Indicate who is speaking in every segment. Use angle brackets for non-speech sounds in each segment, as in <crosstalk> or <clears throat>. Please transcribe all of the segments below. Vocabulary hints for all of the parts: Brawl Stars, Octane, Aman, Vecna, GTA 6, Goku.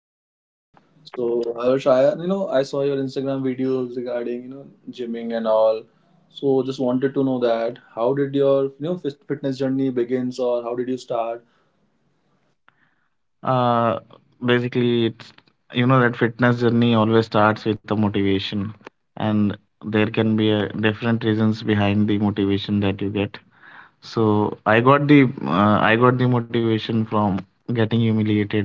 Speaker 1: good too. So Harsh, I saw your Instagram videos regarding gymming and all. So just wanted to know that how did your fitness journey begins or how did you start?
Speaker 2: Uh, basically, it's you know that fitness journey always starts with a motivation, and there can be a different reasons behind the motivation that you get. So I got the motivation from getting humiliated.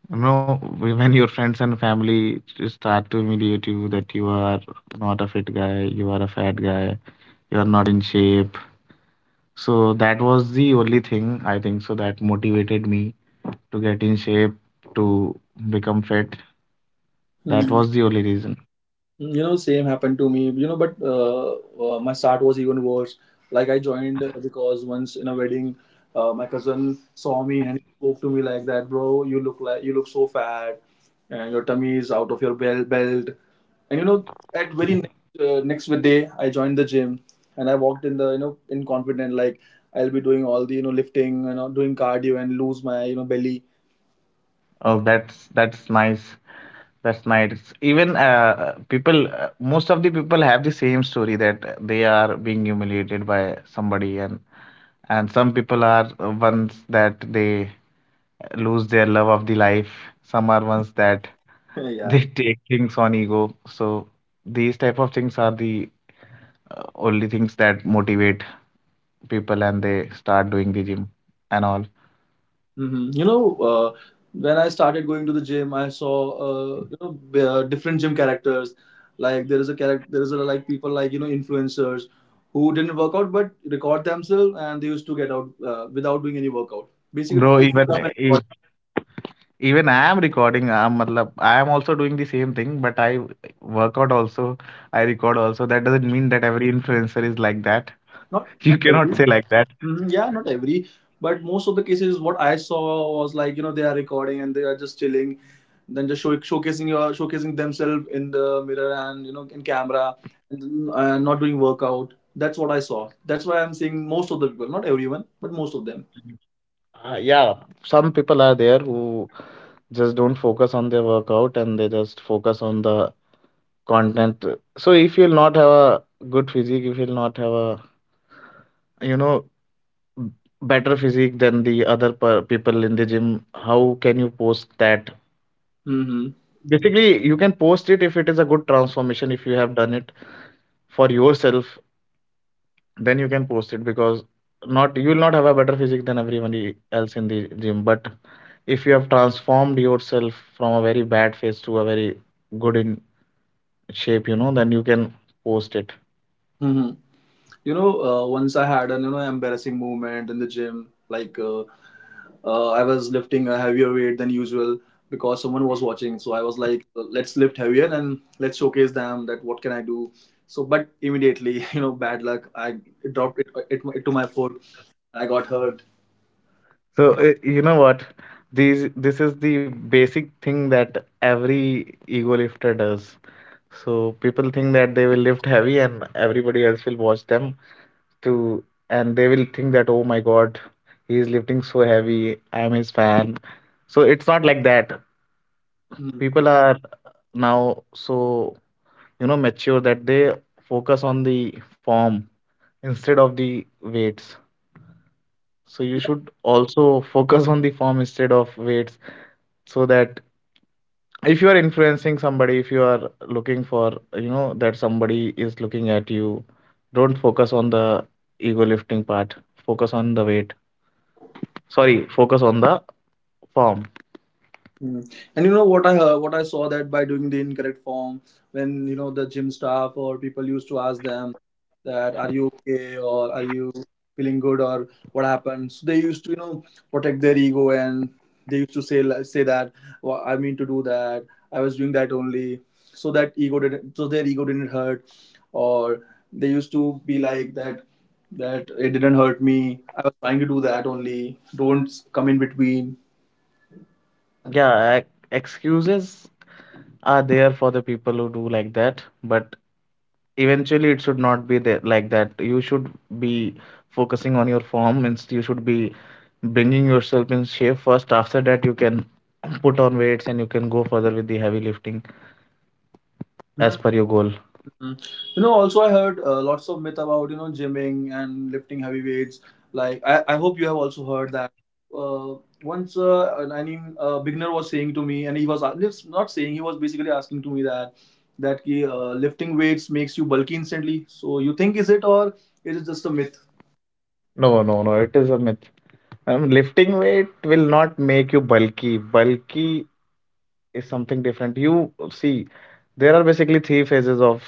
Speaker 2: You know, when your friends and family start to humiliate you that you are not a fit guy, you are a fat guy, you are not in shape, so that was the only thing I think so that motivated me to get in shape, to become fit. That was
Speaker 1: Mm,
Speaker 2: the only reason.
Speaker 1: same happened to me. You know but My start was even worse. Like I joined because once in a wedding, my cousin saw me and spoke to me like that, bro. You look so fat and your tummy is out of your belt. And at very next day, I joined the gym, and I walked in the in confident like I'll be doing all the lifting, doing cardio and lose my belly.
Speaker 2: Oh, that's nice. That's nice. Even people, most of the people have the same story that they are being humiliated by somebody, and some people are ones that they lose their love of the life. Some are ones that
Speaker 1: <laughs>
Speaker 2: <laughs>
Speaker 1: Yeah.
Speaker 2: they take things on ego. So these type of things are the only things that motivate people and they start doing the gym and all.
Speaker 1: Hmm. Uh, when I started going to the gym, I saw different gym characters. Like there is a character, there is a like people like influencers who didn't work out but record themselves, and they used to get out without doing any workout. Basically,
Speaker 2: Bro,
Speaker 1: they used
Speaker 2: even
Speaker 1: to come and
Speaker 2: e-
Speaker 1: record.
Speaker 2: even I am recording. I'm matlab, I am also doing the same thing, but I work out also. I record also. That doesn't mean that every influencer is like that.
Speaker 1: not
Speaker 2: <laughs> You
Speaker 1: not
Speaker 2: cannot
Speaker 1: every
Speaker 2: say like that.
Speaker 1: Mhm. Yeah, not every, but most of the cases, what I saw was like they are recording and they are just chilling, then showcasing your showcasing themselves in the mirror and in camera, and not doing workout. That's what I saw. That's why I'm saying most of the people, not everyone, but most of them.
Speaker 2: Yeah, some people are there who just don't focus on their workout and they just focus on the content. So if you'll not have a good physique, if you'll not have a you know b- better physique than the other people in the gym, how can you post that?
Speaker 1: Mm-hmm.
Speaker 2: Basically, you can post it if it is a good transformation, if you have done it for yourself, then you can post it, because not, you will not have a better physique than everyone else in the gym, but if you have transformed yourself from a very bad face to a very good in shape, you know, then you can post it.
Speaker 1: Mm-hmm. Once I had an embarrassing moment in the gym. Like I was lifting a heavier weight than usual because someone was watching. So I was like, let's lift heavier and let's showcase them that what can I do. So, but immediately, <laughs> bad luck. I dropped it to my foot. I got hurt.
Speaker 2: So you know what, these this is the basic thing that every ego lifter does. So people think that they will lift heavy and everybody else will watch them to, and they will think that, oh my God, he is lifting so heavy. I'm his fan. So it's not like that.
Speaker 1: Hmm.
Speaker 2: People are now so you know mature that they focus on the form instead of the weights. So you should also <laughs> focus on the form instead of weights, so that if you are influencing somebody, if you are looking for, you know, that somebody is looking at you, don't focus on the ego lifting part. Focus on the weight, sorry, focus on the form.
Speaker 1: Mm. And what I saw that by doing the incorrect form, when the gym staff or people used to ask them that are you okay or are you feeling good or what happened, so they used to protect their ego, and they used to say that, well, I mean to do that, I was doing that only, so that ego didn't so their ego didn't hurt, or they used to be like that, that it didn't hurt me. I was trying to do that only. Don't come in between.
Speaker 2: Yeah, excuses are there for the people who do like that, but eventually it should not be there like that. You should be focusing on your form, means you should be bringing yourself in shape first. After that, you can put on weights and you can go further with the heavy lifting as per your goal.
Speaker 1: Mm. Also I heard lots of myth about gymming and lifting heavy weights. Like I hope you have also heard that. Uh, once I mean a beginner was saying to me, and he was not saying, he was basically asking to me that that ki, lifting weights makes you bulky instantly. So you think, is it or it is just a myth?
Speaker 2: No, no, no. It is a myth. Lifting weight will not make you bulky. Bulky is something different. You see, there are basically three phases of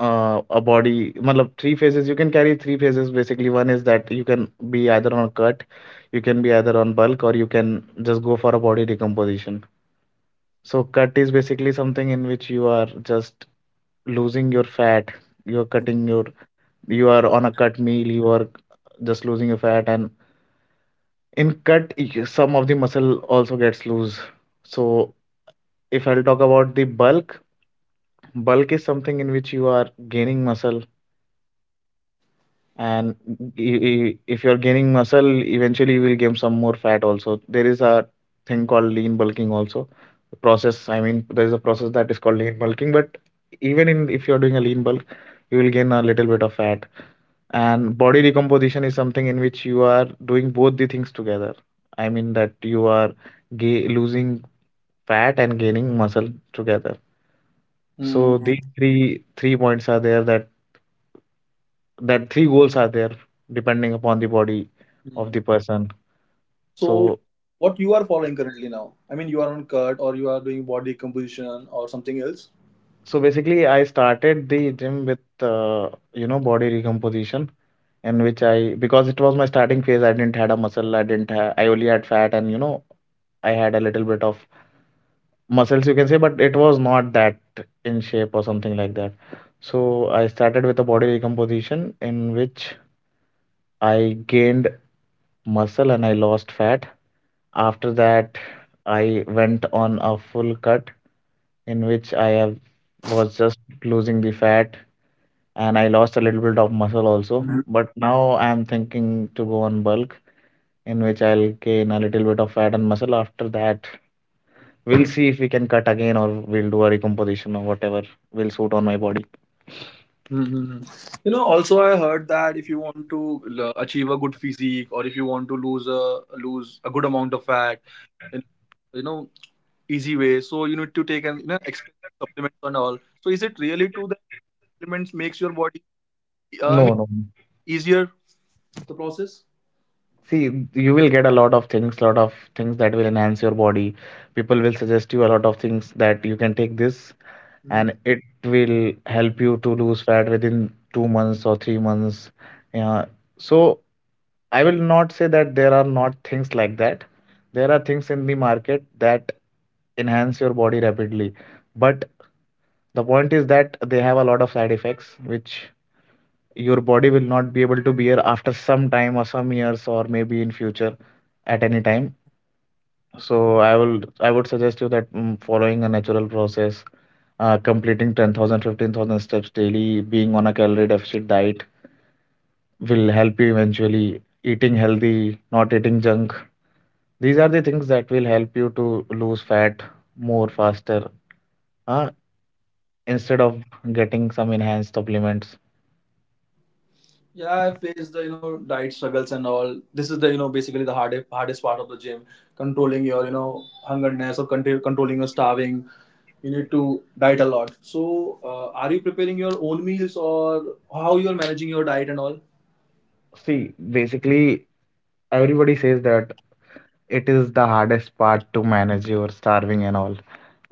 Speaker 2: a body. Matlab, three phases. You can carry three phases. Basically, one is that you can be either on cut, you can be either on bulk, or you can just go for a body decomposition. So, cut is basically something in which you are just losing your fat. You are cutting your. You are on a cut meal. You are just losing your fat, and in cut, some of the muscle also gets loose. So, if I'll talk about the bulk, bulk is something in which you are gaining muscle, and if you're gaining muscle, eventually you will gain some more fat also. There is a thing called lean bulking also. The process, I mean, there is a process that is called lean bulking, but even in if you're doing a lean bulk, you will gain a little bit of fat. And body decomposition is something in which you are doing both the things together. I mean that you are losing fat and gaining muscle together. So
Speaker 1: Mm.
Speaker 2: these three points are there, that that three goals are there depending upon the body of
Speaker 1: Mm.
Speaker 2: the person.
Speaker 1: So
Speaker 2: So
Speaker 1: what you are following currently now? I mean, you are on cut or you are doing body composition or something else?
Speaker 2: so basically I started the gym with you know body recomposition, in which I, because it was my starting phase, I didn't had a muscle, I didn't ha I only had fat, and you know I had a little bit of muscles, you can say, but it was not that in shape or something like that. So I started with a body recomposition in which I gained muscle and I lost fat. After that, I went on a full cut in which I have was just losing the fat, and I lost a little bit of muscle also. But now I am thinking to go on bulk in which I'll gain a little bit of fat and muscle. After that, we'll see if we can cut again or we'll do a recomposition or whatever will suit on my body.
Speaker 1: Hmm. Also I heard that if you want to achieve a good physique, or if you want to lose a good amount of fat in you know easy way, so you need to take an expensive supplements and all. So is it really true that supplements makes your body, uh, I
Speaker 2: No,
Speaker 1: mean
Speaker 2: no.
Speaker 1: easier the process?
Speaker 2: See, you will get a lot of things that will enhance your body. People will suggest you a lot of things that you can take this and it will help you to lose fat within 2 months or 3 months. Yeah. So I will not say that there are not things like that. There are things in the market that enhance your body rapidly. But the point is that they have a lot of side effects, which your body will not be able to bear after some time or some years or maybe in future at any time. So I would suggest you that, mm, following a natural process, completing 10,000, 15,000 steps daily, being on a calorie deficit diet will help you eventually. Eating healthy, not eating junk. These are the things that will help you to lose fat more faster, uh, instead of getting some enhanced supplements.
Speaker 1: Yeah, I faced the diet struggles and all. This is the basically the hardest part of the gym, controlling your hungerness or controlling your starving. You need to diet a lot. So, are you preparing your own meals or how you are managing your diet and all?
Speaker 2: See, basically, everybody says that it is the hardest part to manage your starving and all.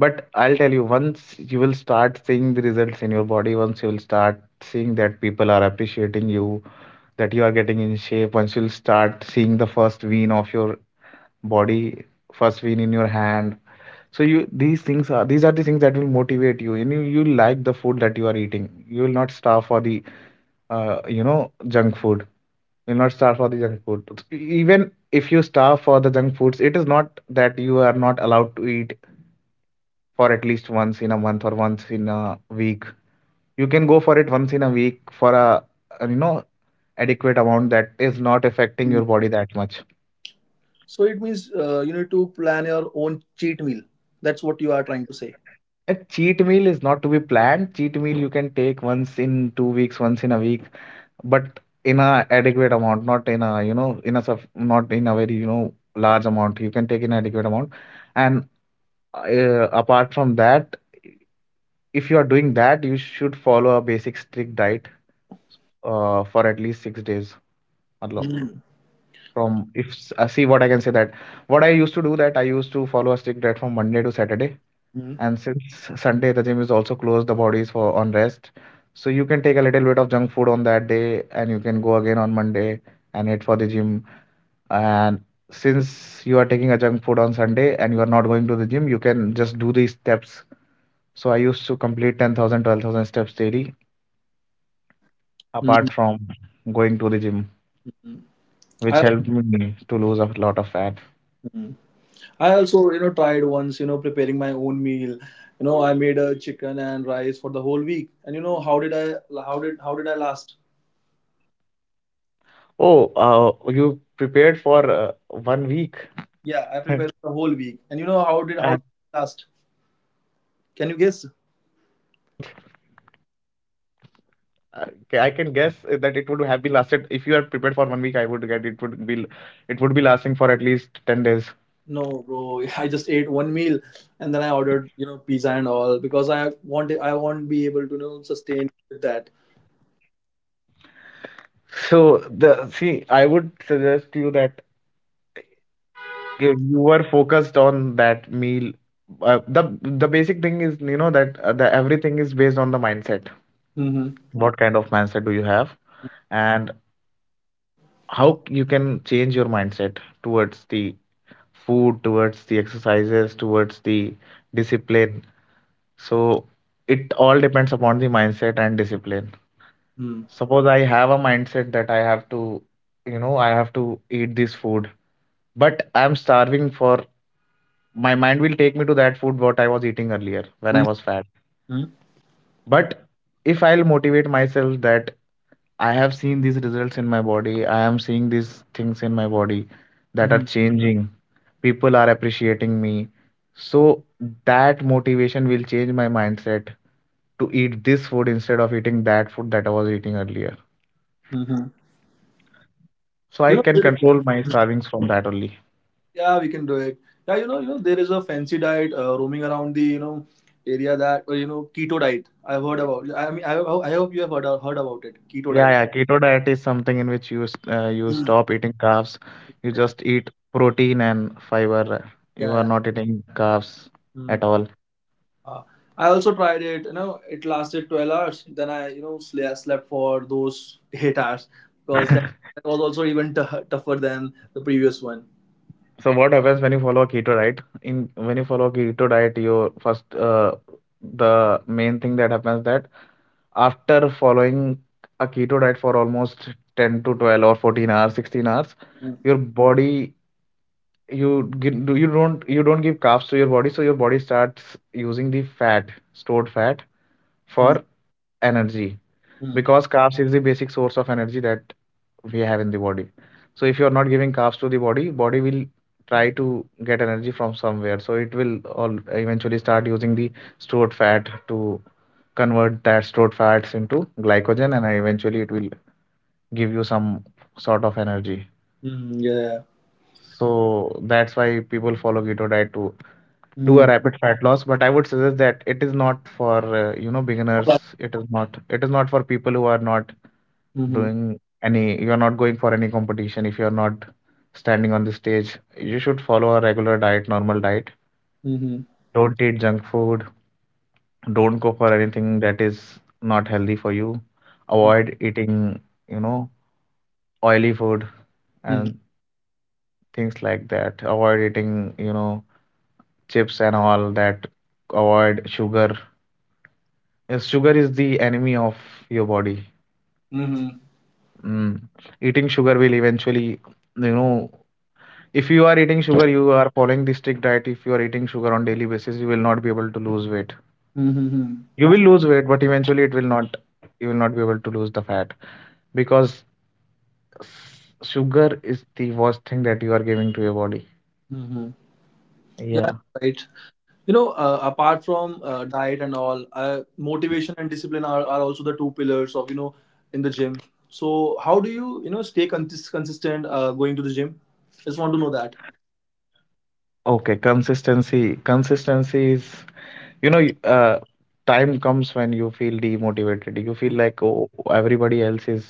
Speaker 2: But I'll tell you, once you will start seeing the results in your body, once you will start seeing that people are appreciating you, that you are getting in shape, once you'll start seeing the first vein of your body, first vein in your hand, so you these things, are these are the things that will motivate you, and you you like the food that you are eating, you will not starve for the you know junk food, you'll not starve for the junk food. Even if you starve for the junk foods, it is not that you are not allowed to eat for at least once in a month or once in a week. You can go for it once in a week for a you know adequate amount that is not affecting
Speaker 1: Mm.
Speaker 2: your body that much.
Speaker 1: So it means you need to plan your own cheat meal. That's what you are trying to say.
Speaker 2: A cheat meal is not to be planned. Cheat meal you can take once in 2 weeks, once in a week, but in a adequate amount, not in a you know not in a very you know large amount. You can take in adequate amount, and apart from that, if you are doing that, you should follow a basic strict diet for at least 6 days. मतलब
Speaker 1: Mm.
Speaker 2: From if s- see what I can say that what I used to do, that I used to follow a strict diet from Monday to Saturday.
Speaker 1: Mm.
Speaker 2: And since Sunday, the gym is also closed, the body is for on rest. So you can take a little bit of junk food on that day, and you can go again on Monday and hit for the gym. And since you are taking a junk food on Sunday and you are not going to the gym, you can just do these steps. So I used to complete 10,000, 12,000 steps daily, apart from going to the gym,
Speaker 1: Mm.
Speaker 2: which helped me to lose a lot of fat.
Speaker 1: I, I also, tried once, preparing my own meal. I made a chicken and rice for the whole week. And how did I last?
Speaker 2: Oh, you prepared for 1 week,
Speaker 1: Yeah, I
Speaker 2: <laughs> and
Speaker 1: prepared for the whole week. And how last?
Speaker 2: <laughs> how long did it
Speaker 1: Can you
Speaker 2: last?
Speaker 1: guess?
Speaker 2: Uh, I can guess that it would have been lasted. If you are prepared for 1 week, I would get, it would be, it would be lasting for at least 10 days.
Speaker 1: No, bro. <laughs> I just ate one meal, and then I ordered, pizza and all, because I won't be able to, sustain with that.
Speaker 2: So the, see, I would suggest you that you were focused on that meal. The basic thing is you know that the everything is based on the mindset.
Speaker 1: Mm-hmm.
Speaker 2: What kind of mindset do you have, and how you can change your mindset towards the food, towards the exercises, towards the discipline. So it all depends upon the mindset and discipline.
Speaker 1: Mm-hmm.
Speaker 2: Suppose I have a mindset that I have to, you know, I have to eat this food, but I'm starving for my mind will take me to that food what I was eating earlier when I was fat.
Speaker 1: Mm-hmm.
Speaker 2: But if I'll motivate myself that I have seen these results in my body, I am seeing these things in my body that
Speaker 1: Mm-hmm.
Speaker 2: are changing, people are appreciating me. So that motivation will change my mindset to eat this food instead of eating that food that I was eating earlier.
Speaker 1: Mm-hmm.
Speaker 2: So
Speaker 1: You
Speaker 2: I can control my
Speaker 1: know,
Speaker 2: servings from that only.
Speaker 1: Yeah, we can do it. Yeah, there is a fancy diet roaming around the area that or, keto diet. I've heard about. I mean, I hope you have heard about it. Keto
Speaker 2: Yeah,
Speaker 1: diet.
Speaker 2: yeah. Keto diet is something in which you
Speaker 1: Mm.
Speaker 2: stop eating carbs. You
Speaker 1: Yeah,
Speaker 2: just eat protein and fiber. You
Speaker 1: yeah,
Speaker 2: are
Speaker 1: yeah.
Speaker 2: not eating carbs at
Speaker 1: Mm.
Speaker 2: all.
Speaker 1: Uh, I also tried it. You know, it lasted 12 hours. Then I slept for those <laughs> 8 hours, because that was also even tougher than the previous one.
Speaker 2: So what happens when you follow a keto diet? In When you follow a keto diet, your first the main thing that happens that after following a keto diet for almost 10 to 12 or 14 hours, 16 hours,
Speaker 1: Mm.
Speaker 2: your body you gi- do you don't give carbs to your body, so your body starts using the fat stored fat for
Speaker 1: Mm.
Speaker 2: energy,
Speaker 1: Mm.
Speaker 2: because carbs is the basic source of energy that we have in the body. So if you are not giving carbs to the body, body will try to get energy from somewhere, so it will all eventually start using the stored fat to convert that stored fats into glycogen, and eventually it will give you some sort of energy.
Speaker 1: Mm. Yeah.
Speaker 2: So that's why people follow keto diet to do a
Speaker 1: Mm.
Speaker 2: rapid fat loss, but I would suggest that it is not for you know, beginners. It is not for people who are not
Speaker 1: Mm-hmm.
Speaker 2: doing any, you are not going for any competition. If you are not standing on the stage, you should follow a regular diet, normal diet.
Speaker 1: Mm-hmm.
Speaker 2: Don't eat junk food, don't go for anything that is not healthy for you.
Speaker 1: Mm-hmm.
Speaker 2: Avoid eating, you know, oily food and things like that. Avoid eating, you know, chips and all that. Avoid sugar. Yes, sugar is the enemy of your body.
Speaker 1: Mm-hmm.
Speaker 2: Mm. Eating sugar will eventually, you know, if you are eating sugar, you are following the strict diet. If you are eating sugar on daily basis, you will not be able to lose weight.
Speaker 1: Mm-hmm.
Speaker 2: You will lose weight, but eventually it will not. You will not be able to lose the fat because s- sugar is the worst thing that you are giving to your body.
Speaker 1: Mm-hmm. Yeah,
Speaker 2: Yeah.
Speaker 1: you're right. Apart from diet and all, motivation and discipline are also the two pillars of, in the gym. So, how do you, stay consistent going to the gym? Just want to know that.
Speaker 2: Okay. Consistency. Consistency is, you know, time comes when you feel demotivated. You feel like, oh, everybody else is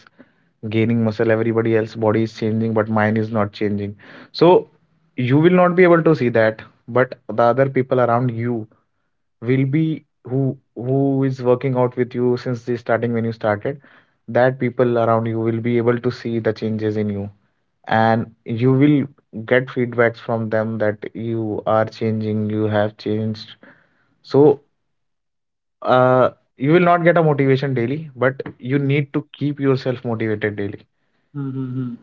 Speaker 2: gaining muscle, everybody else body is changing but mine is not changing. So you will not be able to see that, but the other people around you will be, who is working out with you since the starting when you started, that people around you will be able to see the changes in you, and you will get feedbacks from them that you are changing, you have changed. So uh, you will not get a motivation daily, but you
Speaker 1: Mm-hmm.
Speaker 2: need to keep yourself motivated daily.
Speaker 1: Mm-hmm.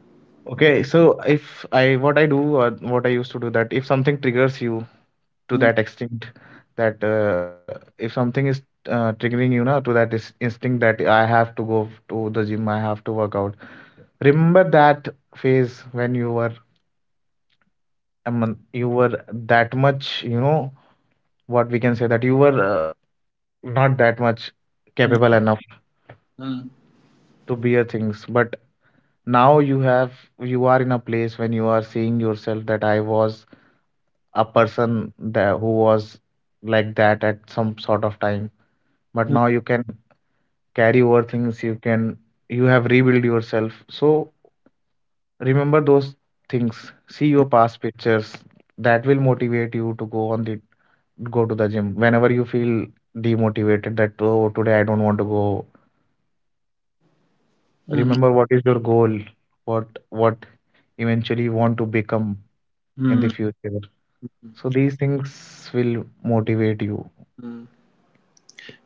Speaker 2: Okay, so if I, what I do or what I used to do, that if something triggers you to that extent, that if something is triggering you na, to that is instinct that I have to go to the gym, I have to work out. Remember that phase when you were, I mean, you were that much, you know, what we can say, that you were not that much capable enough
Speaker 1: Mm-hmm.
Speaker 2: to bear things, but now you have, you are in a place when you are seeing yourself that I was a person that who was like that at some sort of time, but now you can carry over things, you can, you have rebuilt yourself. So remember those things, see your past pictures, that will motivate you to go on the, go to the gym whenever you feel demotivated, that oh today I don't want to go.
Speaker 1: Mm-hmm.
Speaker 2: Remember what is your goal, what eventually you want to become in the future. So these things will motivate you.
Speaker 1: Mm-hmm.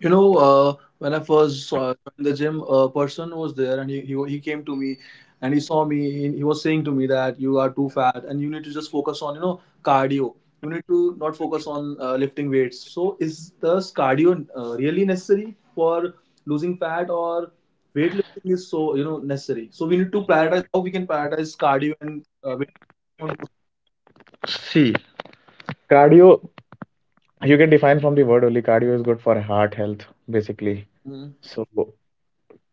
Speaker 1: When I first saw in the gym, a person was there and he came to me and he saw me. He was saying to me that you are too fat and you need to just focus on, cardio. You need to not focus on lifting weights. So, is this cardio really necessary for losing fat, or weightlifting is so, necessary? So, we need to prioritize how we can prioritize cardio and weight.
Speaker 2: See, cardio. You can define from the word only, cardio is good for heart health, basically.
Speaker 1: Mhm.
Speaker 2: So,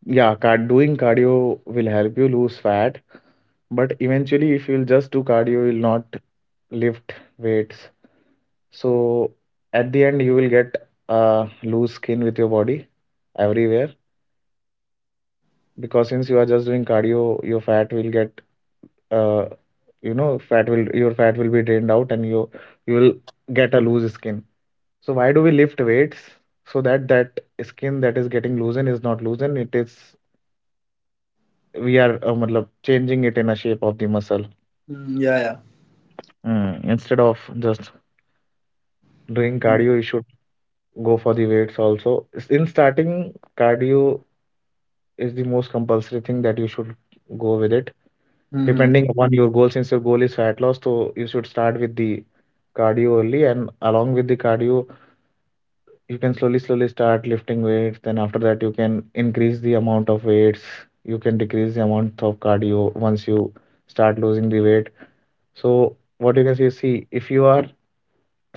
Speaker 2: yeah, card doing cardio will help you lose fat, but eventually, if you'll just do cardio, you'll not lift weights. So, at the end, you will get loose skin with your body everywhere, because since you are just doing cardio, your fat will get uh, you know, fat will your fat will be drained out, and you will get a loose skin. So why do we lift weights? So that skin that is getting loosened is not loosened. It is, we are matlab, changing it in a shape of the muscle.
Speaker 1: Mm, yeah, yeah.
Speaker 2: Mm, instead of just doing cardio, you should go for the weights also. In starting, cardio is the most compulsory thing that you should go with it.
Speaker 1: Mm-hmm.
Speaker 2: Depending upon your goal, since your goal is fat loss, so you should start with the cardio only, and along with the cardio, you can slowly slowly start lifting weights. Then after that you can increase the amount of weights, you can decrease the amount of cardio once you start losing the weight. So what you can see, see if you are,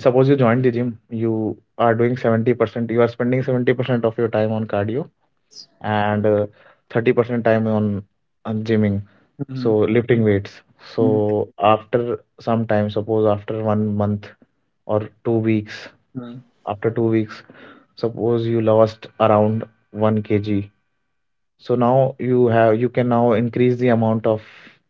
Speaker 2: suppose you joined the gym, you are doing 70%, you are spending 70% of your time on cardio and 30% time on gymming, so
Speaker 1: Mm-hmm.
Speaker 2: lifting weights.
Speaker 1: Mm-hmm.
Speaker 2: So after some time, suppose after 1 month or 2 weeks, after 2 weeks, suppose you lost around 1 kg. So now you have, you can now increase the amount of,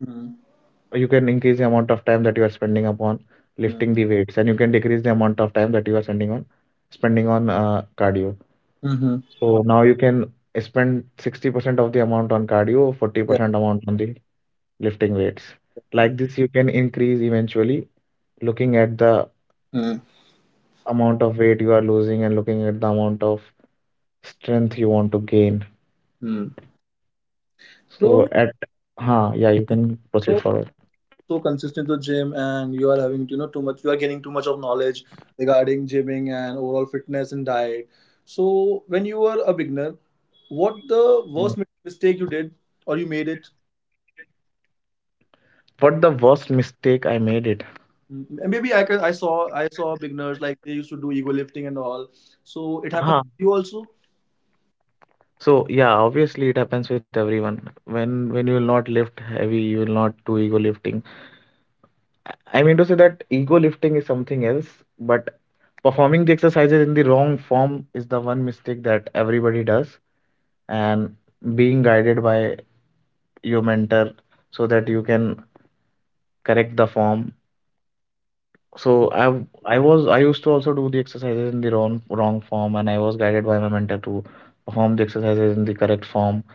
Speaker 1: Mm-hmm.
Speaker 2: you can increase the amount of time that you are spending upon lifting the weights, and you can decrease the amount of time that you are spending on, spending on cardio.
Speaker 1: Mm-hmm.
Speaker 2: So now you can spend 60% of the amount on cardio,
Speaker 1: Yeah,
Speaker 2: 40% amount on the lifting weights.
Speaker 1: yeah.
Speaker 2: Like this, you can increase eventually, looking at the
Speaker 1: Mm.
Speaker 2: amount of weight you are losing and looking at the amount of strength you want to gain.
Speaker 1: Mm. So,
Speaker 2: So at, huh, yeah, you can proceed
Speaker 1: so
Speaker 2: forward.
Speaker 1: so consistent to gym, and you are having too much. You are getting too much of knowledge regarding gymming and overall fitness and diet. So when you were a beginner, what the
Speaker 2: Yeah.
Speaker 1: worst mistake you did or you made it?
Speaker 2: What the worst mistake I made it?
Speaker 1: Mm, maybe I can, I saw beginners like they used to do ego lifting and all. So it happened
Speaker 2: Huh.
Speaker 1: to you also.
Speaker 2: So yeah, obviously it happens with everyone. When you will not lift heavy, you will not do ego lifting. I mean to say that ego lifting is something else, but performing the exercises in the wrong form is the one mistake that everybody does. And being guided by your mentor so that you can correct the form. So I was, I used to also do the exercises in the wrong form, and I was guided by my mentor to perform the exercises in the correct form.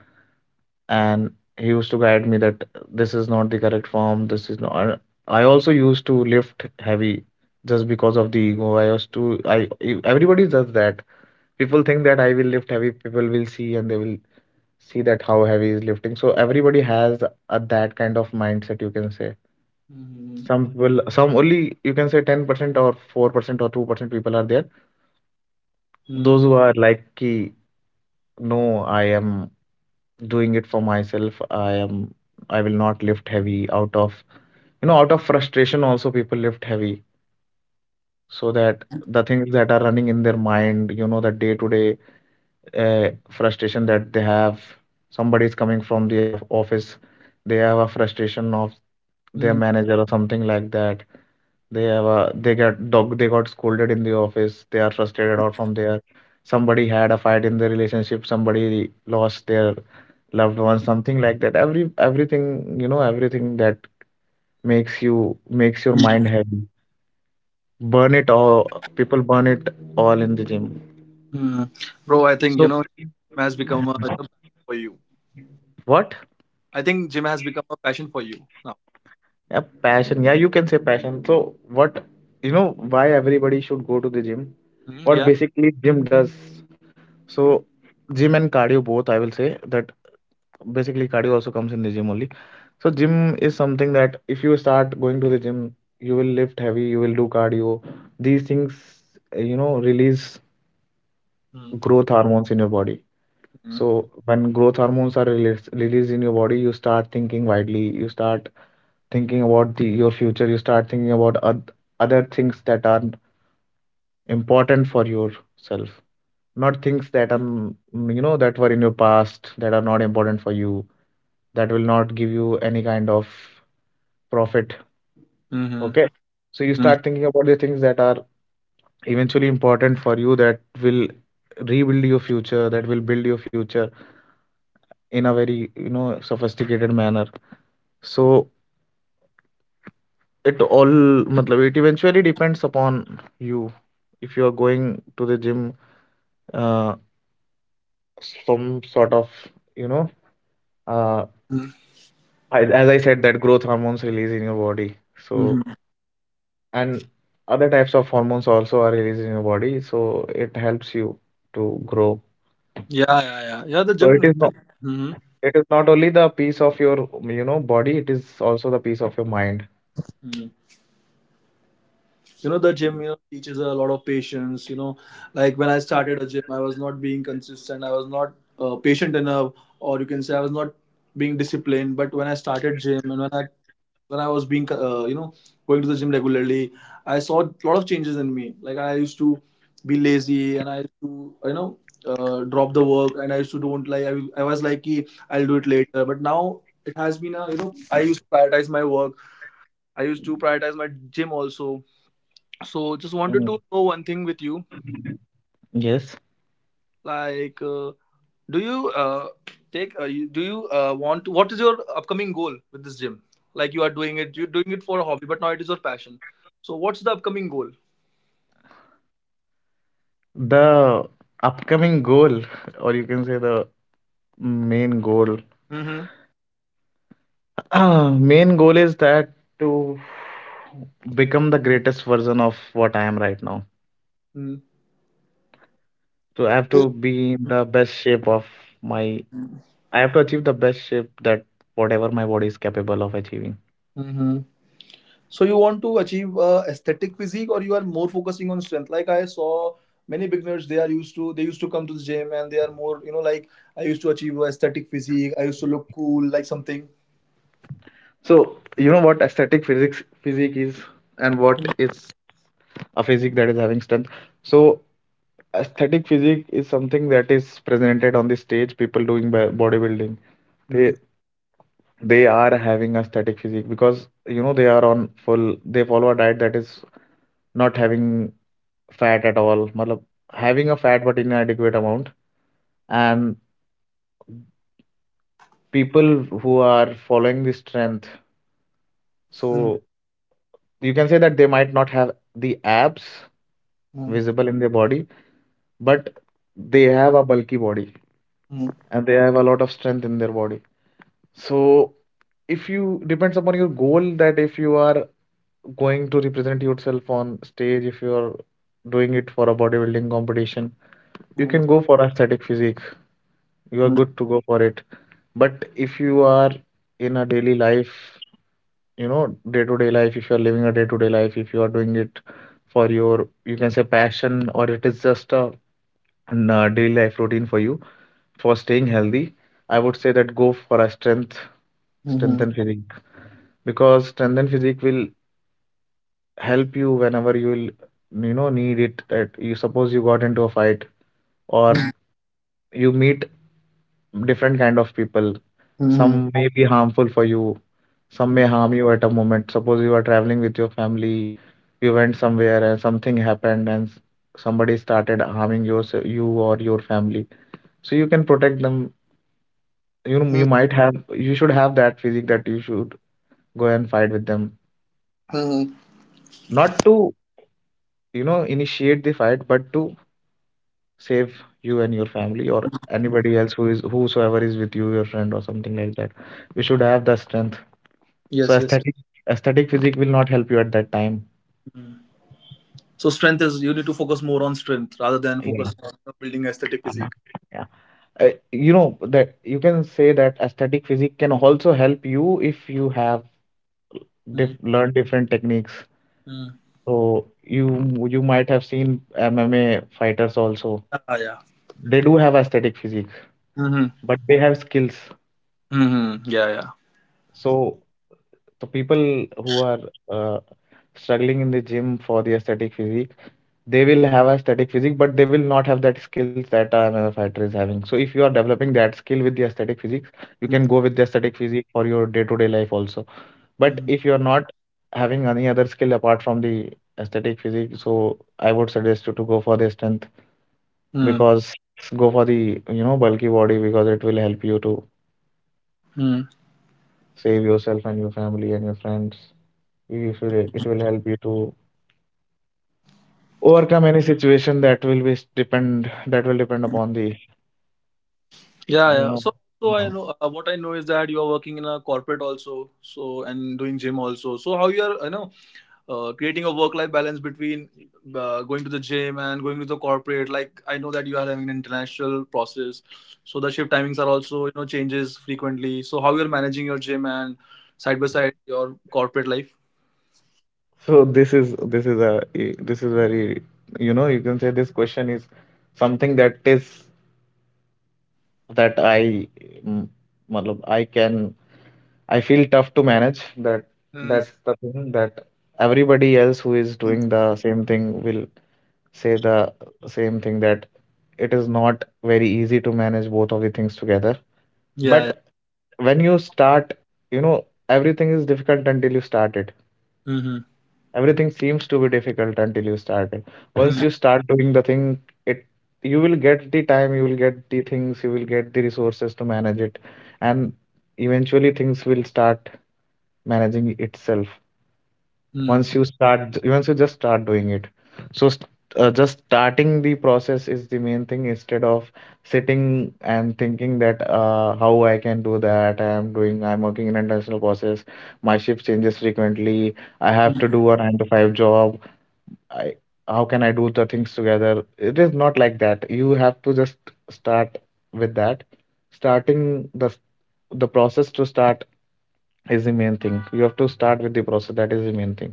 Speaker 2: And he used to guide me that this is not the correct form. This is not. And I also used to lift heavy just because of the ego. I used to everybody does that. People think that I will lift heavy, people will see and they will see that how heavy is lifting. So everybody has a, that kind of mindset, you can say.
Speaker 1: Mm,
Speaker 2: Some people, some only you can say 10% or 4% or 2% people are there. Those
Speaker 1: mm,
Speaker 2: who are like, ki, no, I am doing it for myself. I am, I will not lift heavy out of, you know, out of frustration. Also, people lift heavy so that the things that are running in their mind, you know, the day to day frustration that they have. Somebody is coming from the office, they have a frustration of their
Speaker 1: mm,
Speaker 2: manager or something like that. They have a, they get dog they got scolded in the office. They are frustrated out from there. Somebody had a fight in their relationship. Somebody lost their loved one. Something like that. Everything, you know, everything that makes you, makes your mind heavy. Burn it all. People burn it all in the gym.
Speaker 1: mm. Bro, I think
Speaker 2: So
Speaker 1: gym has become a passion for you.
Speaker 2: what?
Speaker 1: I think gym has become a passion for you now.
Speaker 2: Yeah, passion. Yeah, you can say passion. So what? You know why everybody should go to the gym?
Speaker 1: Mm,
Speaker 2: What
Speaker 1: yeah.
Speaker 2: basically gym does? So gym and cardio both, I will say that basically cardio also comes in the gym only. So gym is something that if you start going to the gym, you will lift heavy, you will do cardio. These things, you know, release
Speaker 1: Mhm.
Speaker 2: growth hormones in your body. So when growth hormones are released, released in your body, you start thinking widely. You start thinking about the, your future. You start thinking about other things that are important for yourself, not things that are, mm, you know, that were in your past that are not important for you, that will not give you any kind of profit.
Speaker 1: Mhm.
Speaker 2: Okay. So you
Speaker 1: Mhm.
Speaker 2: start thinking about the things that are eventually important for you, that will rebuild your future, that will build your future in a very, you know, sophisticated manner. So it all, matlab, it eventually depends upon you. If you are going to the gym, uh, some sort of, you know, uh, as I said, that growth hormones release in your body. So,
Speaker 1: Mhm.
Speaker 2: and other types of hormones also are released in your body. So it helps you to grow.
Speaker 1: Yeah, yeah, yeah. Yeah, the
Speaker 2: So
Speaker 1: gym.
Speaker 2: it is not
Speaker 1: Mm-hmm.
Speaker 2: it is not only the piece of your, you know, body, it is also the piece of your mind.
Speaker 1: Mm-hmm. The gym teaches a lot of patience, like when I started a gym, I was not being consistent, I was not patient enough, or you can say I was not being disciplined. But when I started gym, and when I was being going to the gym regularly, I saw a lot of changes in me. Like I used to be lazy, and I used to drop the work, and I used to don't like I was like, "Ki, I'll do it later," but now it has been a I used to prioritize my work, I used to prioritize my gym also. So just wanted
Speaker 2: Mm,
Speaker 1: to know one thing with you.
Speaker 2: yes.
Speaker 1: Like, do you take? You, do you want to? What is your upcoming goal with this gym? Like you are doing it, you're doing it for a hobby, but now it is your passion. So what's the upcoming goal?
Speaker 2: The upcoming goal, <laughs> or you can say the main goal,
Speaker 1: Mm-hmm.
Speaker 2: <clears throat> main goal is that to become the greatest version of what I am right now. So I have to be in the best shape of my, I have to achieve the best shape that whatever my body is capable of achieving.
Speaker 1: Mm-hmm. So you want to achieve aesthetic physique, or you are more focusing on strength? Like I saw many beginners, they are used to come to the gym, and they are more, like I used to achieve aesthetic physique. I used to look cool, like something.
Speaker 2: So you know what aesthetic physics physique is and what is a physique that is having strength. So aesthetic physique is something that is presented on the stage. People doing bodybuilding,
Speaker 1: Mm-hmm.
Speaker 2: they they are having aesthetic physique because, you know, they are on full. They follow a diet that is not having fat at all. Matlab, having a fat but inadequate amount. And people who are following the strength, so you can say that they might not have the abs visible in their body, but they have a bulky body and they have a lot of strength in their body. So if you depends upon your goal that if you are going to represent yourself on stage, if you are doing it for a bodybuilding competition, you
Speaker 1: Mm-hmm.
Speaker 2: can go for aesthetic physique. You are
Speaker 1: Mhm.
Speaker 2: good to go for it. But if you are in a daily life, you know, day-to-day life, if you are living a day-to-day life, if you are doing it for your, you can say passion, or it is just an daily life routine for you for staying healthy, I would say that go for a strength, strength
Speaker 1: Mhm.
Speaker 2: and physique. Because strength and physique will help you whenever you will, you know, need it. That you suppose you got into a fight, or you meet different kind of people,
Speaker 1: Mhm.
Speaker 2: some may be harmful for you, some may harm you at a moment. Suppose you are traveling with your family, you went somewhere and something happened and somebody started harming your, you or your family, so you can protect them. You know, you might have, you should have that physique that you should go and fight with them. Not to, you know, initiate the fight, but to save you and your family, or anybody else who is, whosoever is with you, your friend or something like that. You should have the strength. So
Speaker 1: Yes, yes, yes.
Speaker 2: aesthetic physique will not help you at that time.
Speaker 1: Mm. So strength is, you need to focus more on strength rather than
Speaker 2: Yeah,
Speaker 1: focus on you building aesthetic
Speaker 2: uh-huh,
Speaker 1: physique.
Speaker 2: yeah. You know that you can say that aesthetic physique can also help you if you have diff
Speaker 1: Mm.
Speaker 2: learned different techniques.
Speaker 1: Mm.
Speaker 2: So you might have seen MMA fighters also.
Speaker 1: Ah, yeah.
Speaker 2: They do have aesthetic physique,
Speaker 1: Mhm.
Speaker 2: but they have skills.
Speaker 1: Mhm. Yeah, yeah.
Speaker 2: So the people who are uh, struggling in the gym for the aesthetic physique, they will have aesthetic physique but they will not have that skills that a mma fighter is having. So if you are developing that skill with the aesthetic physique, you can
Speaker 1: Mm.
Speaker 2: go with the aesthetic physique for your day-to-day life also. But
Speaker 1: Hmm.
Speaker 2: if you are not having any other skill apart from the aesthetic physique, so I would suggest you to go for the strength.
Speaker 1: Mm.
Speaker 2: Because go for the, you know, bulky body, because it will help you to
Speaker 1: Mm.
Speaker 2: save yourself and your family and your friends. It will help you to overcome any situation that will be s- depend that will depend upon the,
Speaker 1: Yeah,
Speaker 2: you
Speaker 1: yeah.
Speaker 2: know,
Speaker 1: So, so I
Speaker 2: mhm.
Speaker 1: know what I know is that you are working in a corporate also, so and doing gym also. So how you are, creating a work-life balance between going to the gym and going to the corporate. Like I know that you are having an international process, so the shift timings are also changes frequently. So how you're managing your gym and side by side your corporate life?
Speaker 2: So this is very, you know, you can say this question is something that is that I, matlab, I feel tough to manage that.
Speaker 1: Mm.
Speaker 2: That's the thing that everybody else who is doing the same thing will say the same thing, that it is not very easy to manage both of the things together.
Speaker 1: Yeah, yeah.
Speaker 2: But when you start, you know, everything is difficult until you start it.
Speaker 1: Mm-hmm.
Speaker 2: Everything seems to be difficult until you start it. Once
Speaker 1: Mm.
Speaker 2: you start doing the thing, it, you will get the time, you will get the things, you will get the resources to manage it. And eventually things will start managing itself
Speaker 1: Mm.
Speaker 2: once you start, once you just start doing it. So just starting the process is the main thing, instead of sitting and thinking that, how I can do that. I am doing I'm working in international process, my shift changes frequently, I have to do
Speaker 1: Mm.
Speaker 2: a 9 to 5 job, I, how can I do the things together? It is not like that. You have to just start with that. Starting the the process to start is the main thing. You have to start with the process, that is the main thing.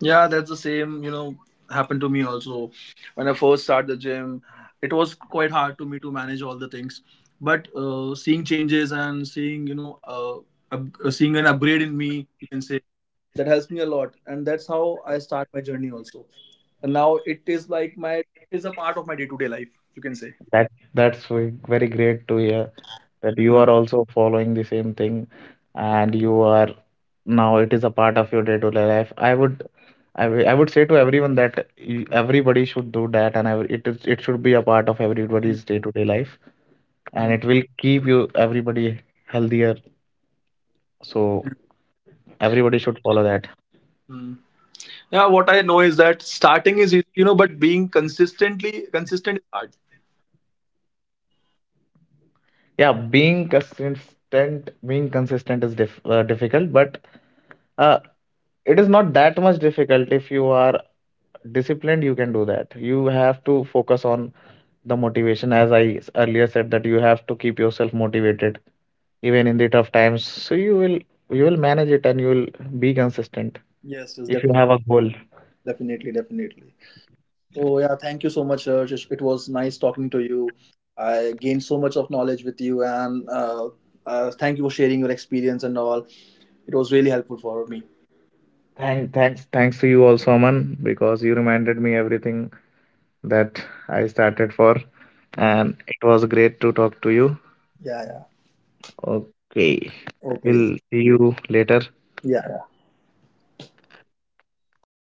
Speaker 1: Yeah, that's the same. Happened to me also. When I first started the gym, it was quite hard to me to manage all the things. But seeing changes and seeing seeing an upgrade in me, you can say that helps me a lot, and that's how I start my journey also. And now it is like my it is a part of my day-to-day life, you can say.
Speaker 2: That that's very great to hear that you are also following the same thing, and you are, now it is a part of your day-to-day life. I would say to everyone that everybody should do that, and it is, it should be a part of
Speaker 1: Mm,
Speaker 2: everybody's day-to-day life, and
Speaker 1: mm,
Speaker 2: it will keep you, everybody, healthier. So everybody should follow that.
Speaker 1: mm. Yeah, what I know is that starting is easy, but being consistently consistent is hard.
Speaker 2: Yeah, being consistent is difficult, but uh, it is not that much difficult. If you are disciplined, you can do that. You have to focus on the motivation, as I earlier said, that you have to keep yourself motivated even in the tough times. So you will, you will manage it and you will be consistent
Speaker 1: Yes, yes,
Speaker 2: if you
Speaker 1: definitely,
Speaker 2: have a goal.
Speaker 1: definitely, definitely. So yeah, thank you so much, Raj. It was nice talking to you. I gained so much of knowledge with you, and thank you for sharing your experience and all. It was really helpful for me.
Speaker 2: Thanks to you also, Aman, because you reminded me everything that I started for.
Speaker 1: Mm.
Speaker 2: And it was great to talk to you.
Speaker 1: Yeah, yeah.
Speaker 2: Okay,
Speaker 1: Okay.
Speaker 2: we'll see you later.
Speaker 1: Yeah.